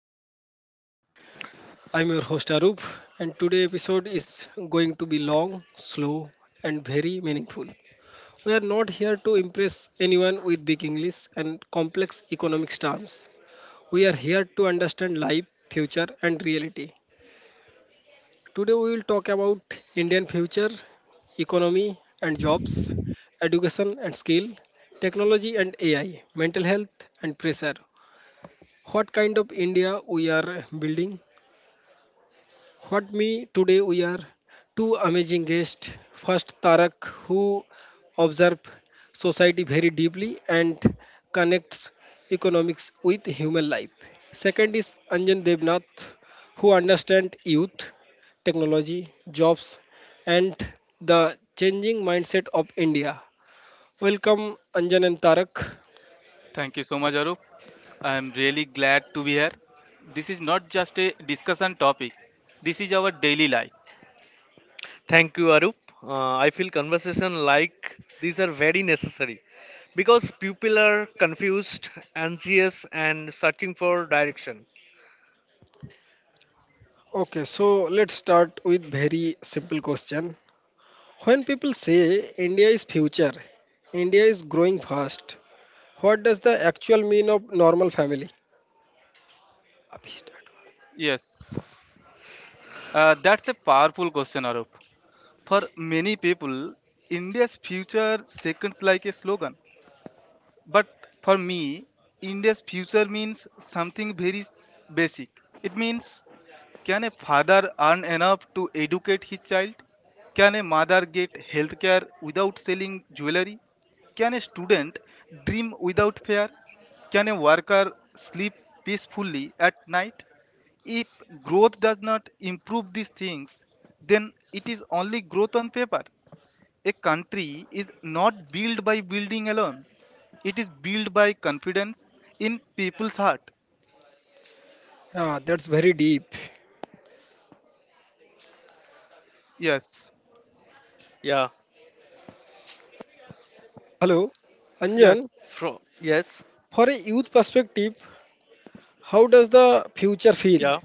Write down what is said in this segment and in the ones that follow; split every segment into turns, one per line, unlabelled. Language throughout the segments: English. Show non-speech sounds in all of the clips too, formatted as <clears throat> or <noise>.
podcast. I'm your host Arup, and today episode is going to be long, slow and very meaningful. We are not here to impress anyone with big English and complex economics terms. We are here to understand life, future and reality. Today we will talk about Indian future, economy and jobs, education and skill, technology and AI, mental health and pressure. What kind of India we are building? What me today we are two amazing guests. First Tarak, who observe society very deeply and connects economics with human life. Second is Anjan Devnath, who understands youth, technology, jobs and the changing mindset of India. Welcome Anjan and Tarak.
Thank you so much, Arup. I'm really glad to be here. This is not just a discussion topic, this is our daily life.
Thank you, Arup. I feel conversation like these are very necessary because people are confused, anxious, and searching for direction.
Okay, so let's start with very simple question. When people say India is future, India is growing fast, what does the actual mean of normal family? अभी start.
Yes, that's a powerful question, Arup. For many people, India's future seems like a slogan, but for me, India's future means something very basic. It means can a father earn enough to educate his child? Can a mother get healthcare without selling jewelry? Can a student dream without fear? Can a worker sleep peacefully at night? If growth does not improve these things, then it is only growth on paper. A country is not built by building alone. It is built by confidence in people's heart.
Yeah, that's very deep.
Yes,
Yeah.
Hello,
yes,
Anjan.
From yes.
For a youth perspective, how does the future feel?
Yeah.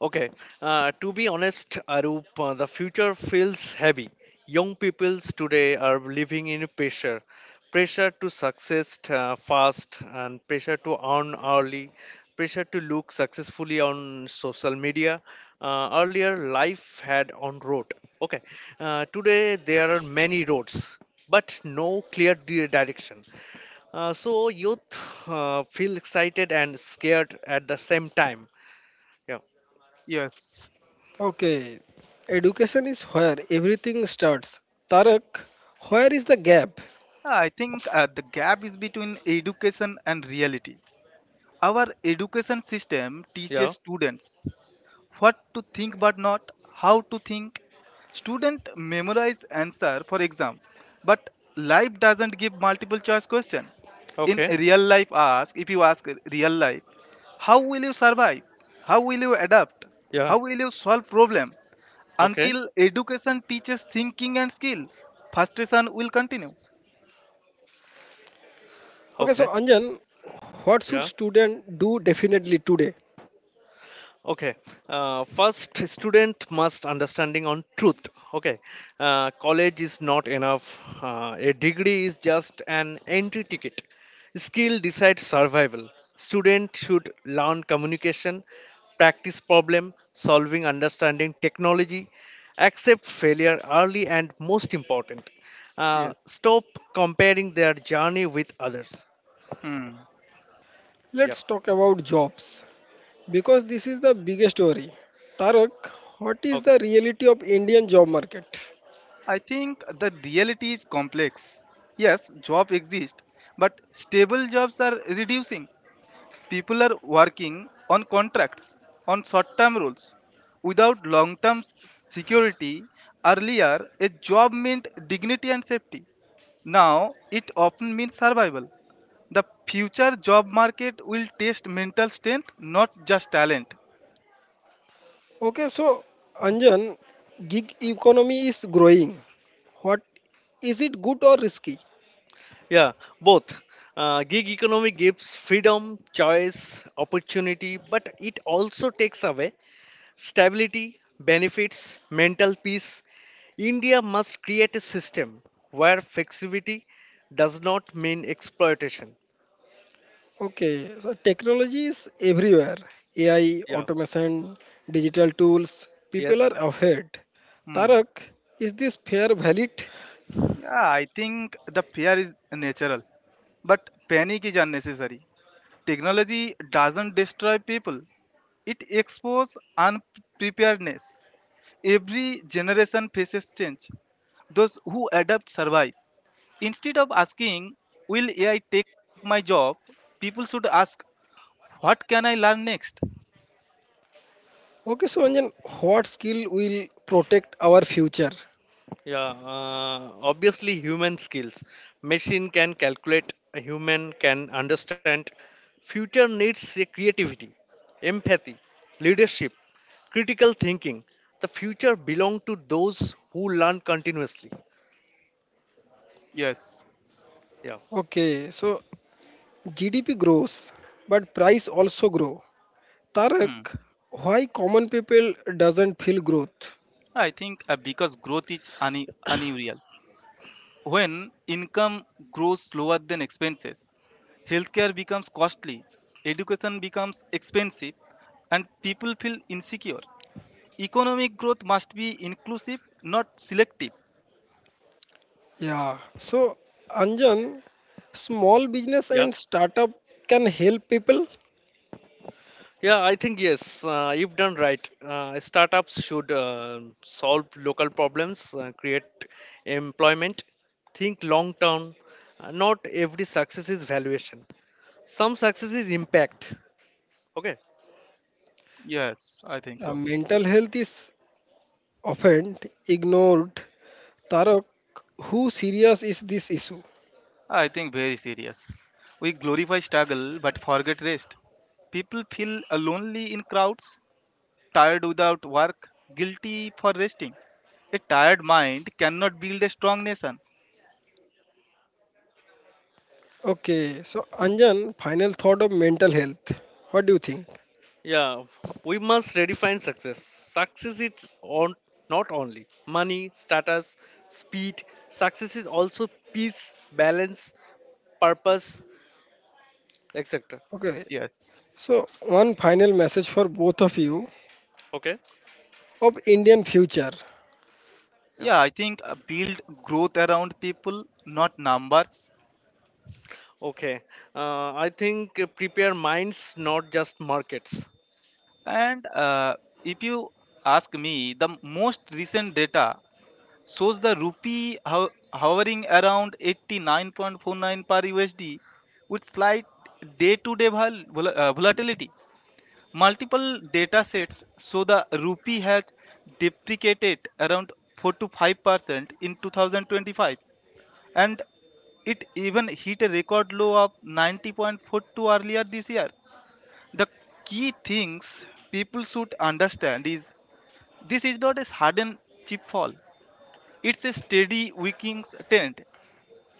Okay, to be honest, Arup, the future feels heavy. Young peoples today are living in pressure, pressure to success fast, and pressure to earn early, pressure to look successfully on social media. Earlier, life had on road. Okay, today there are many roads, but no clear direction. So youth feel excited and scared at the same time. Yeah,
yes.
Okay, education is where everything starts. Tarak, where is the gap?
I think the gap is between education and reality. Our education system teaches
yeah,
students what to think but not how to think. Student memorize answer for exam, but life doesn't give multiple choice question. In
okay.
real life, ask if you ask real life, how will you survive? How will you adapt? How
Yeah.
will you solve problem?
Okay.
Until education teaches thinking and skill, frustration will continue.
Okay, so
Okay.
Anjan, what should
Yeah.
student do definitely today?
Okay. First, student must understanding on truth. Okay. College is not enough. A degree is just an entry ticket. Skill decides survival. Student should learn communication, practice problem solving, understanding technology, accept failure early, and most important,
Yes.
stop comparing their journey with others.
Hmm.
Yeah.
Let's talk about jobs, because this is the biggest story. Tarak, what is the
Okay.
reality of Indian job market?
I think the reality is complex. Yes, job exist, but stable jobs are reducing. People are working on contracts, on short term rules, without long term security. Earlier, a job meant dignity and safety. Now, it often means survival. The future job market will test mental strength, not just talent.
Okay, so Anjan, gig economy is growing. What, is it good or risky?
Yeah, both. Gig economy gives freedom, choice, opportunity, but it also takes away stability, benefits, mental peace. India must create a system where flexibility does not mean exploitation.
Okay, so technology is everywhere. AI,
Yeah,
automation, digital tools, people
yes,
are ahead.
Hmm.
Tarak, is this fair valid?
Yeah, I think the fear is natural, but panic is unnecessary. Technology doesn't destroy people, it exposes unpreparedness. Every generation faces change. Those who adapt survive. Instead of asking, "Will AI take my job?" people should ask, "What can I learn next?"
Okay, so Anjan, what skill will protect our future?
yeah. Obviously, human skills. Machine can calculate, a human can understand. Future needs a creativity, empathy, leadership critical thinking. The future belong to those who learn continuously.
Yes.
Yeah,
Okay, so GDP grows, but price also grow.
Hmm.
Tarak, why common people doesn't feel growth?
I think because growth is unreal. When income grows slower than expenses, healthcare becomes costly, education becomes expensive, and people feel insecure. Economic growth must be inclusive, not selective.
Yeah. So Anjan, small business
yeah,
and startup can help people.
yeah. I think yes. If done right, startups should solve local problems, create employment, think long term. Not every success is valuation. Some success is impact. Okay,
Yes, I think so.
Mental health is often ignored. Tarak, who serious is this issue?
I think very serious. We glorify struggle but forget rest. People feel lonely in crowds, tired without work, guilty for resting. A tired mind cannot build a strong nation.
Okay. So Anjan, final thought of mental health. What do you think?
yeah, we must redefine success. Success is on not only money, status, speed. Success is also peace, balance, purpose, etc.
Okay.
Yes.
So one final message for both of you
Okay.
of Indian future.
Yeah.
Yeah, I think build growth around people, not numbers.
Okay. I think prepare minds, not just markets.
And if you ask me, the most recent data shows the rupee hovering around 89.49 per USD with slight day-to-day volatility. Multiple data sets show the rupee has depreciated around 4 to 5% in 2025, and it even hit a record low of 90.42 earlier this year. The key things people should understand is this is not a sudden cheap fall. It's a steady weakening trend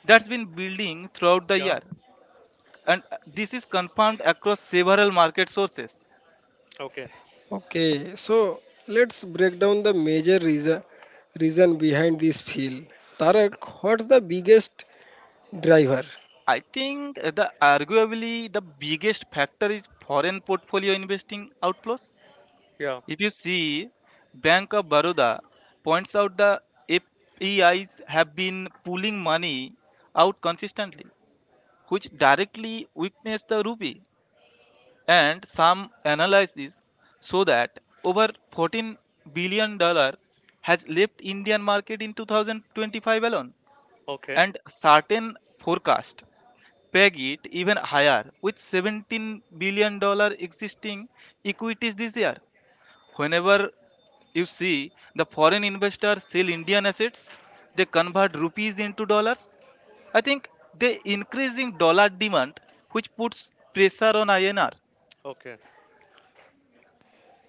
that's been building throughout the
Yeah.
year, and this is confirmed across several market sources.
Okay.
Okay, so let's break down the major reason behind this feel. Tarak, what's the biggest driver?
I think the arguably the biggest factor is foreign portfolio investing outflows.
Yeah.
If you see, Bank of Baroda points out the FEIs have been pulling money out consistently, which directly weakens the rupee. And some analysis show that over 14 billion dollars has left Indian market in 2025 alone,
Okay.
and certain forecast peg it even higher with 17 billion dollars existing equities this year. Whenever you see the foreign investors sell Indian assets, they convert rupees into dollars. I think the increasing dollar demand, which puts pressure on INR.
Okay.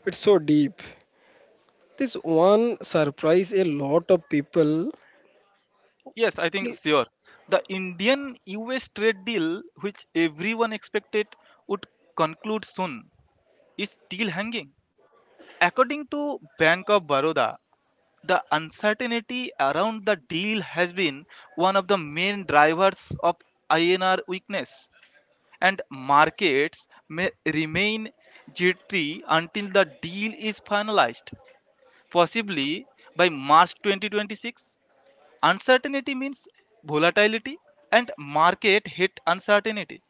It's so deep. This one surprise a lot of people.
Yes, I think
Ye-
sure. The Indian US trade deal, which everyone expected would conclude soon, is still hanging. According to Bank of Baroda, the uncertainty around the deal has been one of the main drivers of INR weakness, and markets may remain jittery until the deal is finalized, possibly by March 2026. Uncertainty means volatility and market hit uncertainty.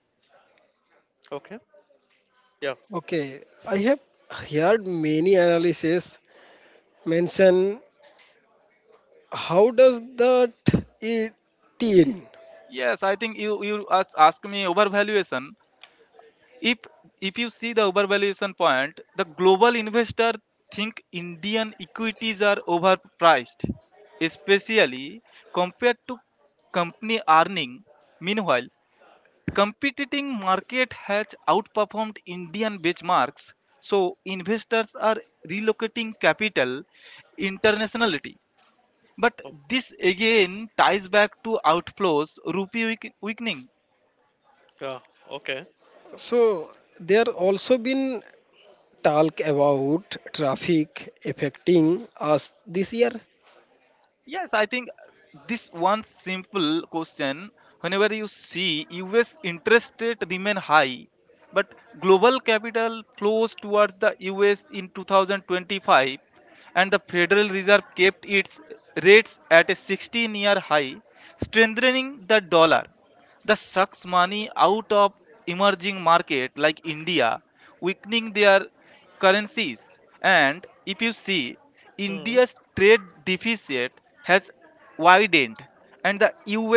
Okay. Yeah.
Okay, I have heard many analysis mention how does that it teen.
Yes, I think you ask me overvaluation. If if you see the overvaluation point, the global investor think Indian equities are overpriced, especially compared to company earning. Meanwhile, competing market has outperformed Indian benchmarks, so investors are relocating capital internationality. But
Oh,
this again ties back to outflows, rupee weakening.
yeah. Okay.
So there also been talk about traffic affecting us this year.
Yes, I think this one simple question. Whenever you see US interest rate remain high, but global capital flows towards the US in 2025, and the Federal Reserve kept its rates at a 16-year high, strengthening the dollar. The sucks money out of emerging market like India, weakening their currencies. And if you see,
Hmm.
India's trade deficit has widened, and the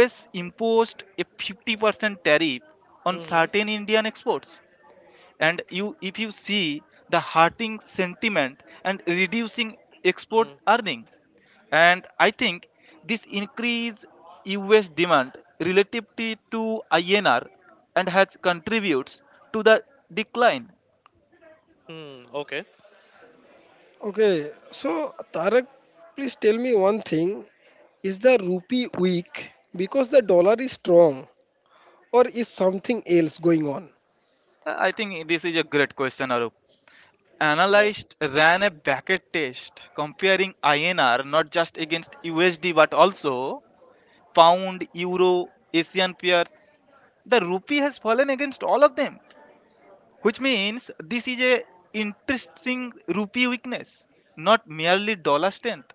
US imposed a 50% tariff on
Hmm.
certain Indian exports, and you if you see the hurting sentiment and reducing
Hmm.
export earning. And I think this increase US demand relative to INR, and has contributes to the decline.
Hmm. Okay.
Okay, so Tarak, please tell me one thing. Is the rupee weak because the dollar is strong, or is something else going on?
I think this is a great question, Arup.
Yeah.
Analyst ran a bracket test comparing INR not just against USD but also pound, euro, Asian peers. The rupee has fallen against all of them, which means this is a interesting rupee weakness, not merely dollar strength.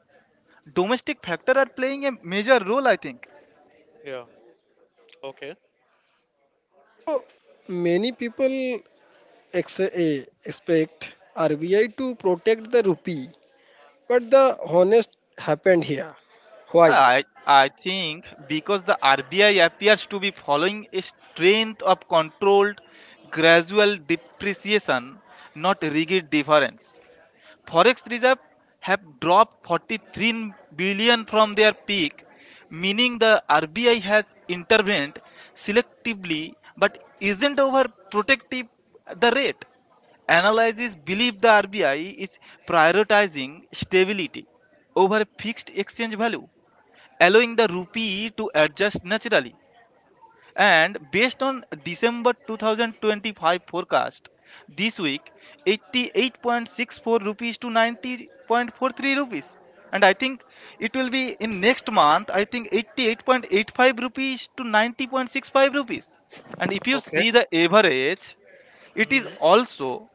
Domestic factor are playing a major role, I think.
Yeah. Okay.
So many people expect RBI to protect the rupee, but the honest happened here. Why?
I i think because the RBI appears to be following a strength of controlled gradual depreciation, not rigid difference. Forex reserve have dropped 43 billion from their peak, meaning the RBI has intervened selectively but isn't overprotective the rate. Analysis believe the RBI is prioritizing stability over fixed exchange value, allowing the rupee to adjust naturally. And based on December 2025 forecast, this week 88.64 rupees to 90.43 rupees. And I think it will be in next month, I think 88.85 rupees to 90.65 rupees. And if you
Okay.
see the average, it
Hmm.
is also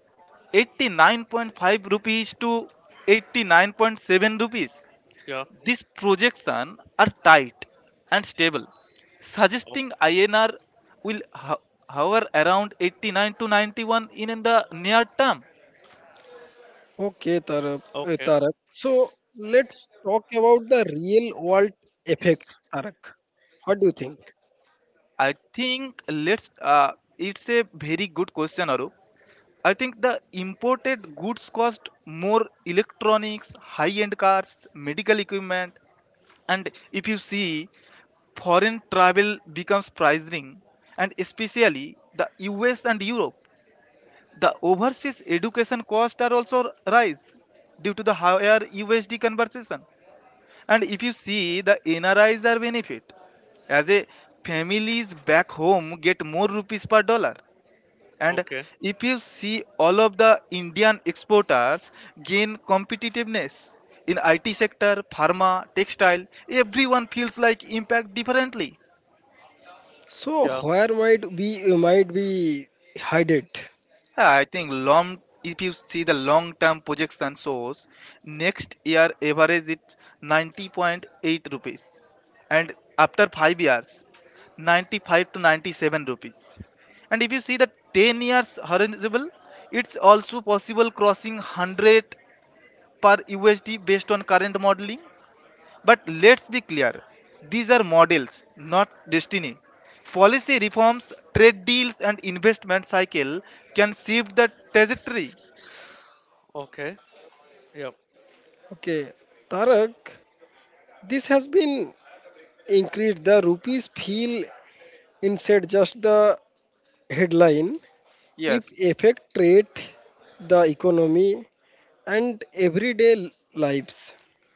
89.5 rupees to 89.7 rupees.
Yeah.
These projections are tight and stable, suggesting INR will hover around 89 to 91 in the near term.
Okay, Tarak.
Okay.
Tarak. So let's talk about the real world effects, Tarak. What do you think?
I think let's. It's a very good question, Arup. I think the imported goods cost more: electronics, high-end cars, medical equipment. And if you see, foreign travel becomes pricing, and especially the US and Europe. The overseas education costs are also rise due to the higher USD conversion. And if you see the NRIs are benefit, as a families back home get more rupees per dollar. And
Okay.
if you see all of the Indian exporters gain competitiveness in IT sector, pharma, textile, everyone feels like impact differently.
So
Yeah.
where might we might be hide it?
Yeah, I think long if you see the long term projection shows next year average it 90.8 rupees, and after 5 years 95 to 97 rupees, and if you see the 10 years horizontal, it's also possible crossing 100 per USD based on current modeling. But let's be clear, these are models, not destiny. Policy reforms, trade deals, and investment cycle can shift the trajectory.
Okay. Yeah.
Okay, Tarak, this has been increased. The rupees feel inside just the headline. It
Yes,
affect trade, the economy, and everyday lives.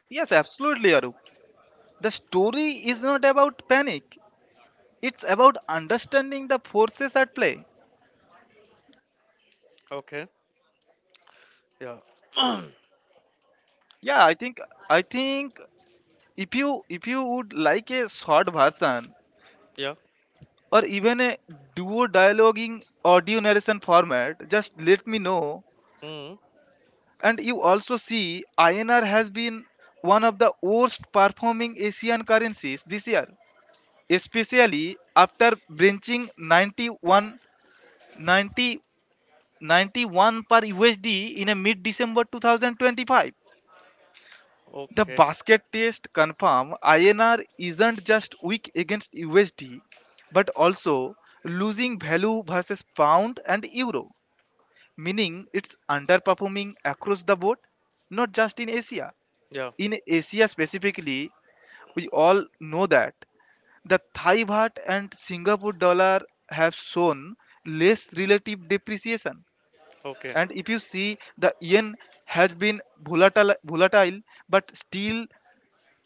yes, absolutely, Arup. The story is not about panic, it's about understanding the forces at play.
Okay. Yeah. <clears throat>
Yeah, I think if you would like a short version
Yeah.
or even a duo dialoguing audio narration format, just let me know.
Mm.
And you also see INR has been one of the worst performing Asian currencies this year, especially after breaching 91, 90, 91 per USD in a mid-December 2025. The
Okay.
basket test confirm INR isn't just weak against USD, but also losing value versus pound and euro, meaning it's underperforming across the board, not just in Asia.
Yeah.
In Asia specifically, we all know that the Thai baht and Singapore dollar have shown less relative depreciation.
Okay.
And if you see, the yen has been volatile but still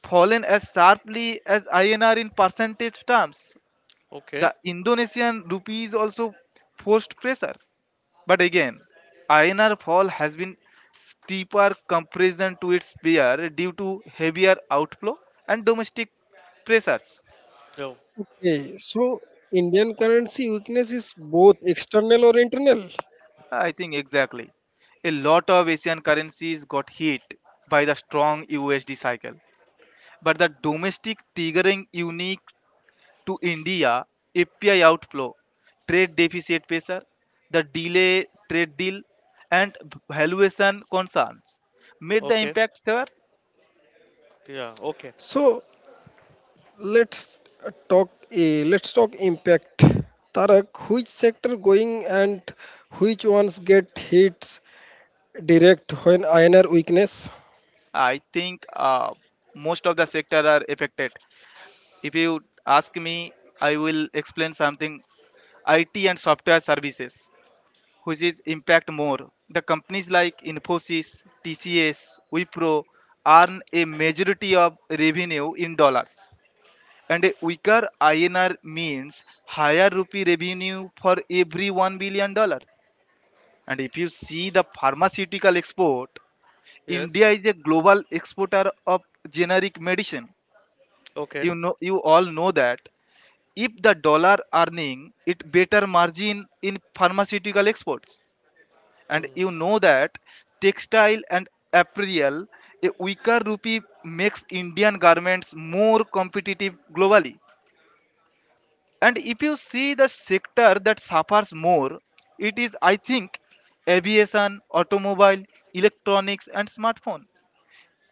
fallen as sharply as INR in percentage terms.
Okay.
The Indonesian rupee is also forced pressure. But again, INR fall has been steeper comparison to its peer due to heavier outflow and domestic pressures.
Yeah.
Okay, so Indian currency weakness is both external or internal.
I think exactly. A lot of Asian currencies got hit by the strong USD cycle. But the domestic triggering unique to India: API outflow, trade deficit pressure, the delay trade deal, and valuation concerns made the
Okay.
impact fair.
Yeah. Okay.
So let's let's talk impact. Tarak, which sector going and which ones get hits direct when INR weakness?
I think most of the sector are affected. If you ask me, I will explain something. IT and software services, which is impact more. The companies like Infosys, TCS, Wipro earn a majority of revenue in dollars. And a weaker INR means higher rupee revenue for every one billion dollars. And if you see the pharmaceutical export,
Yes.
India is a global exporter of generic medicine.
Okay.
You know, you all know that if the dollar earning it better margin in pharmaceutical exports. And
Mm.
you know that textile and apparel, a weaker rupee makes Indian garments more competitive globally. And if you see the sector that suffers more, it is I think aviation, automobile, electronics and smartphone.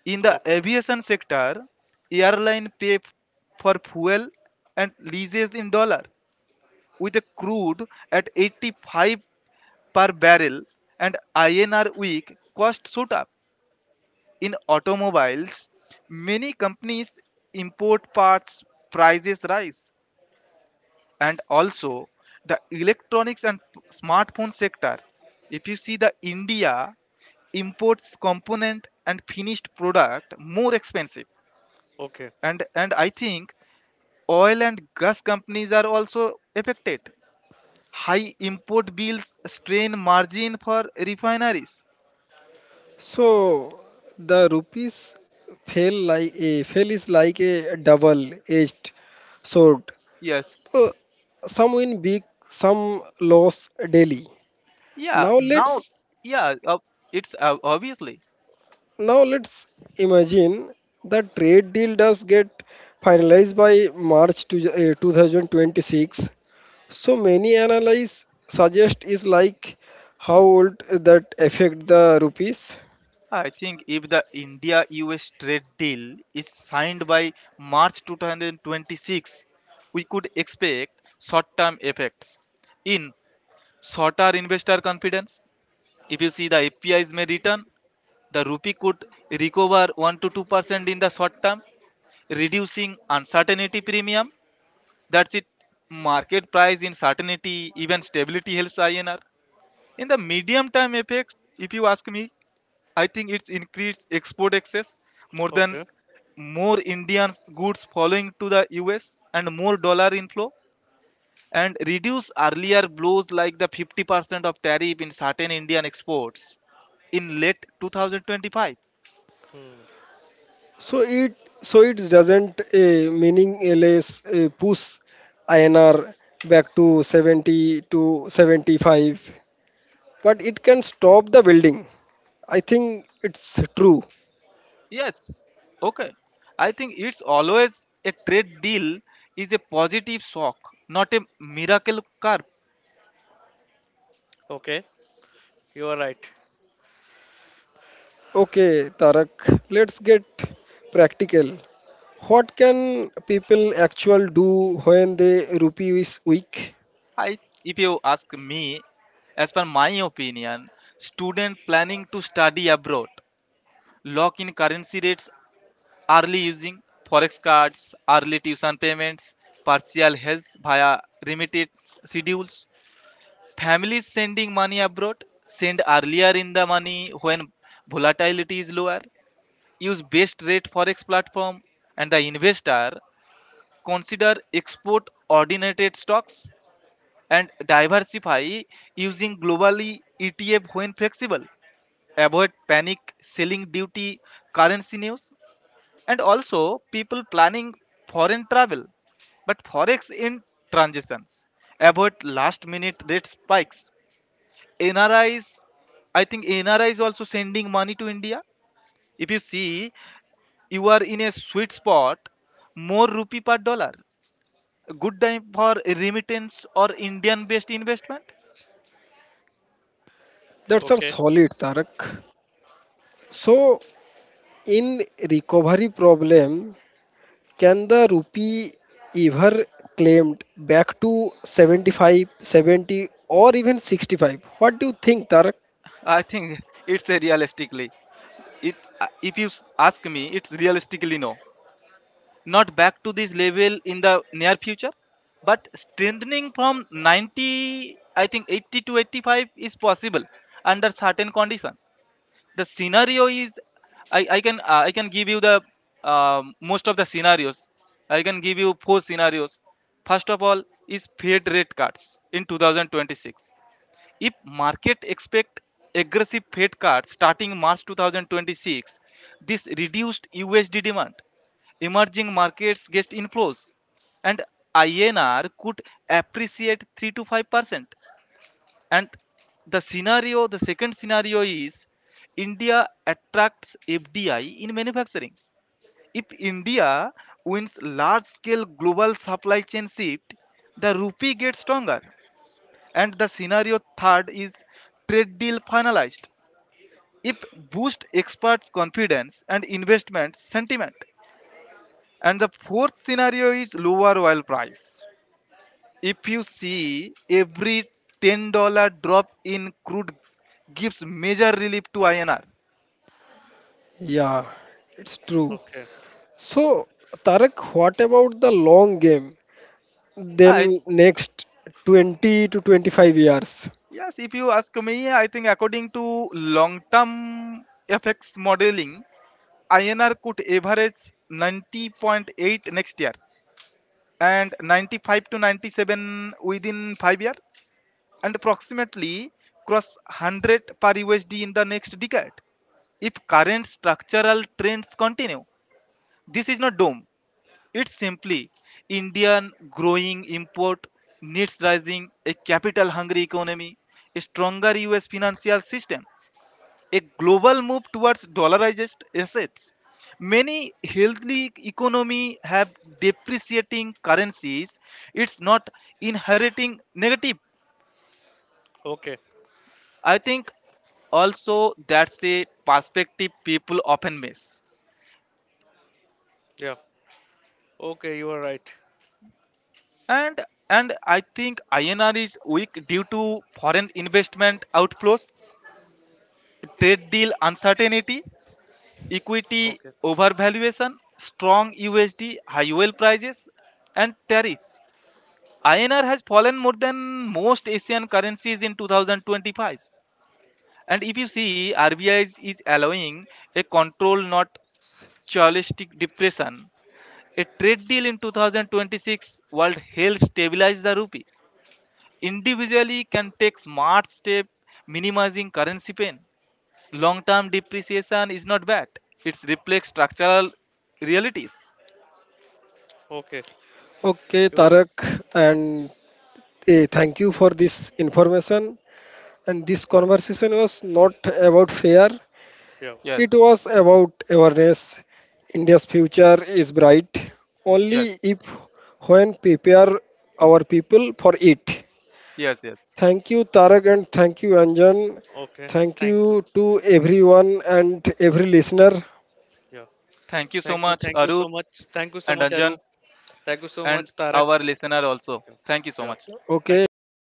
In the
Okay.
aviation sector, airline pay for fuel and leases in dollar. With a crude at 85 per barrel and INR weak, cost shoot up. In automobiles, many companies import parts, prices rise, and also the electronics and smartphone sector. If you see, the India imports component and finished product more expensive.
Okay.
And and i think oil and gas companies are also affected. High import bills strain margin for refineries.
So the rupees fail like a fail is like a double-edged sword.
Yes.
So some win big, some loss daily.
Yeah.
Now
Now,
let's
yeah uh, it's obviously,
now let's imagine the trade deal does get finalized by March 2026. So many analysts suggest is like how would that affect the rupees?
I think if the India US trade deal is signed by march 2026, we could expect short term effects in shorter investor confidence. If you see, the apis may return, the rupee could recover 1 to 2% in the short term, reducing uncertainty premium. That's it. Market price in certainty, even stability helps INR. In the medium term effect, if you ask me, I think it's increased export access more
Okay.
than more Indian goods following to the US and more dollar inflow and reduce earlier blows like the 50% of tariff in certain Indian exports in late 2025.
Mm.
So it so it doesn't meaningless push INR back to 70 to 75, but it can stop the building. I think it's true.
Yes. Okay. I think it's always a trade deal is a positive shock, not a miracle curve.
Okay. You are right.
Okay, Tarak, let's get practical. What can people actually do when the rupee is weak?
I, if you ask me, as per my opinion, student planning to study abroad lock in currency rates early using forex cards, early tuition payments, partial health via remittance schedules. Families sending money abroad send earlier in the money when volatility is lower, use best rate forex platform, and the investor consider export ordinated stocks and diversify using globally etf when flexible, avoid panic selling duty currency news, and also people planning foreign travel but forex in transitions avoid last minute rate spikes. Nris, I think nri is also sending money to India. If you see, you are in a sweet spot, more rupee per dollar, good time for remittance or Indian based investment.
That's a
Okay.
solid, Tarak. So in recovery problem, can the rupee ever claimed back to 75, 70 or even 65? What do you think, Tarak?
I think it's a realistically, it if you ask me, it's realistically no, not back to this level in the near future, but strengthening from 90, I think 80 to 85 is possible under certain condition. The scenario is, I can I can give you the most of the scenarios, I can give you four scenarios. First of all is fed rate cuts in 2026. If market expect aggressive fed cuts starting march 2026, this reduced usd demand, emerging markets get inflows, and inr could appreciate 3 to 5%. And the second scenario is, India attracts FDI in manufacturing. If India wins large scale global supply chain shift, the rupee gets stronger. And the scenario third is trade deal finalized. If boost experts' confidence and investment sentiment. And the fourth scenario is lower oil price. If you see, every $10 drop in crude gives major relief to INR.
Yeah, it's true.
Okay.
So, Tarak, what about the long game?
I,
Then next 20 to 25 years.
yes, if you ask me, I think according to long-term FX modeling, INR could average 90.8 next year and 95 to 97 within 5 years and approximately cross 100 per USD in the next decade if current structural trends continue. This is not doom. It's simply Indian growing import needs rising, a capital hungry economy, a stronger US financial system, a global move towards dollarized assets. Many healthy economy have depreciating currencies. It's not inheriting negative.
Okay.
I think also that's a perspective people often miss.
Yeah. Okay. You are right.
And and i think inr is weak due to foreign investment outflows, trade deal uncertainty, equity
Okay.
overvaluation, strong USD, high oil prices, and tariff. INR has fallen more than most Asian currencies in 2025. And if you see, RBI is allowing a control, not chauvinistic depression. A trade deal in 2026 world helps stabilize the rupee. Individually can take smart step minimizing currency pain. Long term depreciation is not bad, it reflects structural realities.
Okay.
Okay,
You are.
Tarak, and thank you for this information. And this conversation was not about fear.
Yeah.
It
Yes.
was about awareness. India's future is bright
Yes.
only if when prepare our people for it.
Yes. Yes.
Thank you Tarak and thank you Anjan.
Okay.
Thank
Thank you.
you to everyone and every listener.
Yeah.
Thank you so
Thank you.
much,
Thank you so
Arup,
much. Thank you so much,
and
Arup.
Anjan,
Thank you so much,
and
Tarak.
our listener also.
Yeah.
Thank you so
Yeah.
much.
Thank you
Okay,
so much. Okay.
keep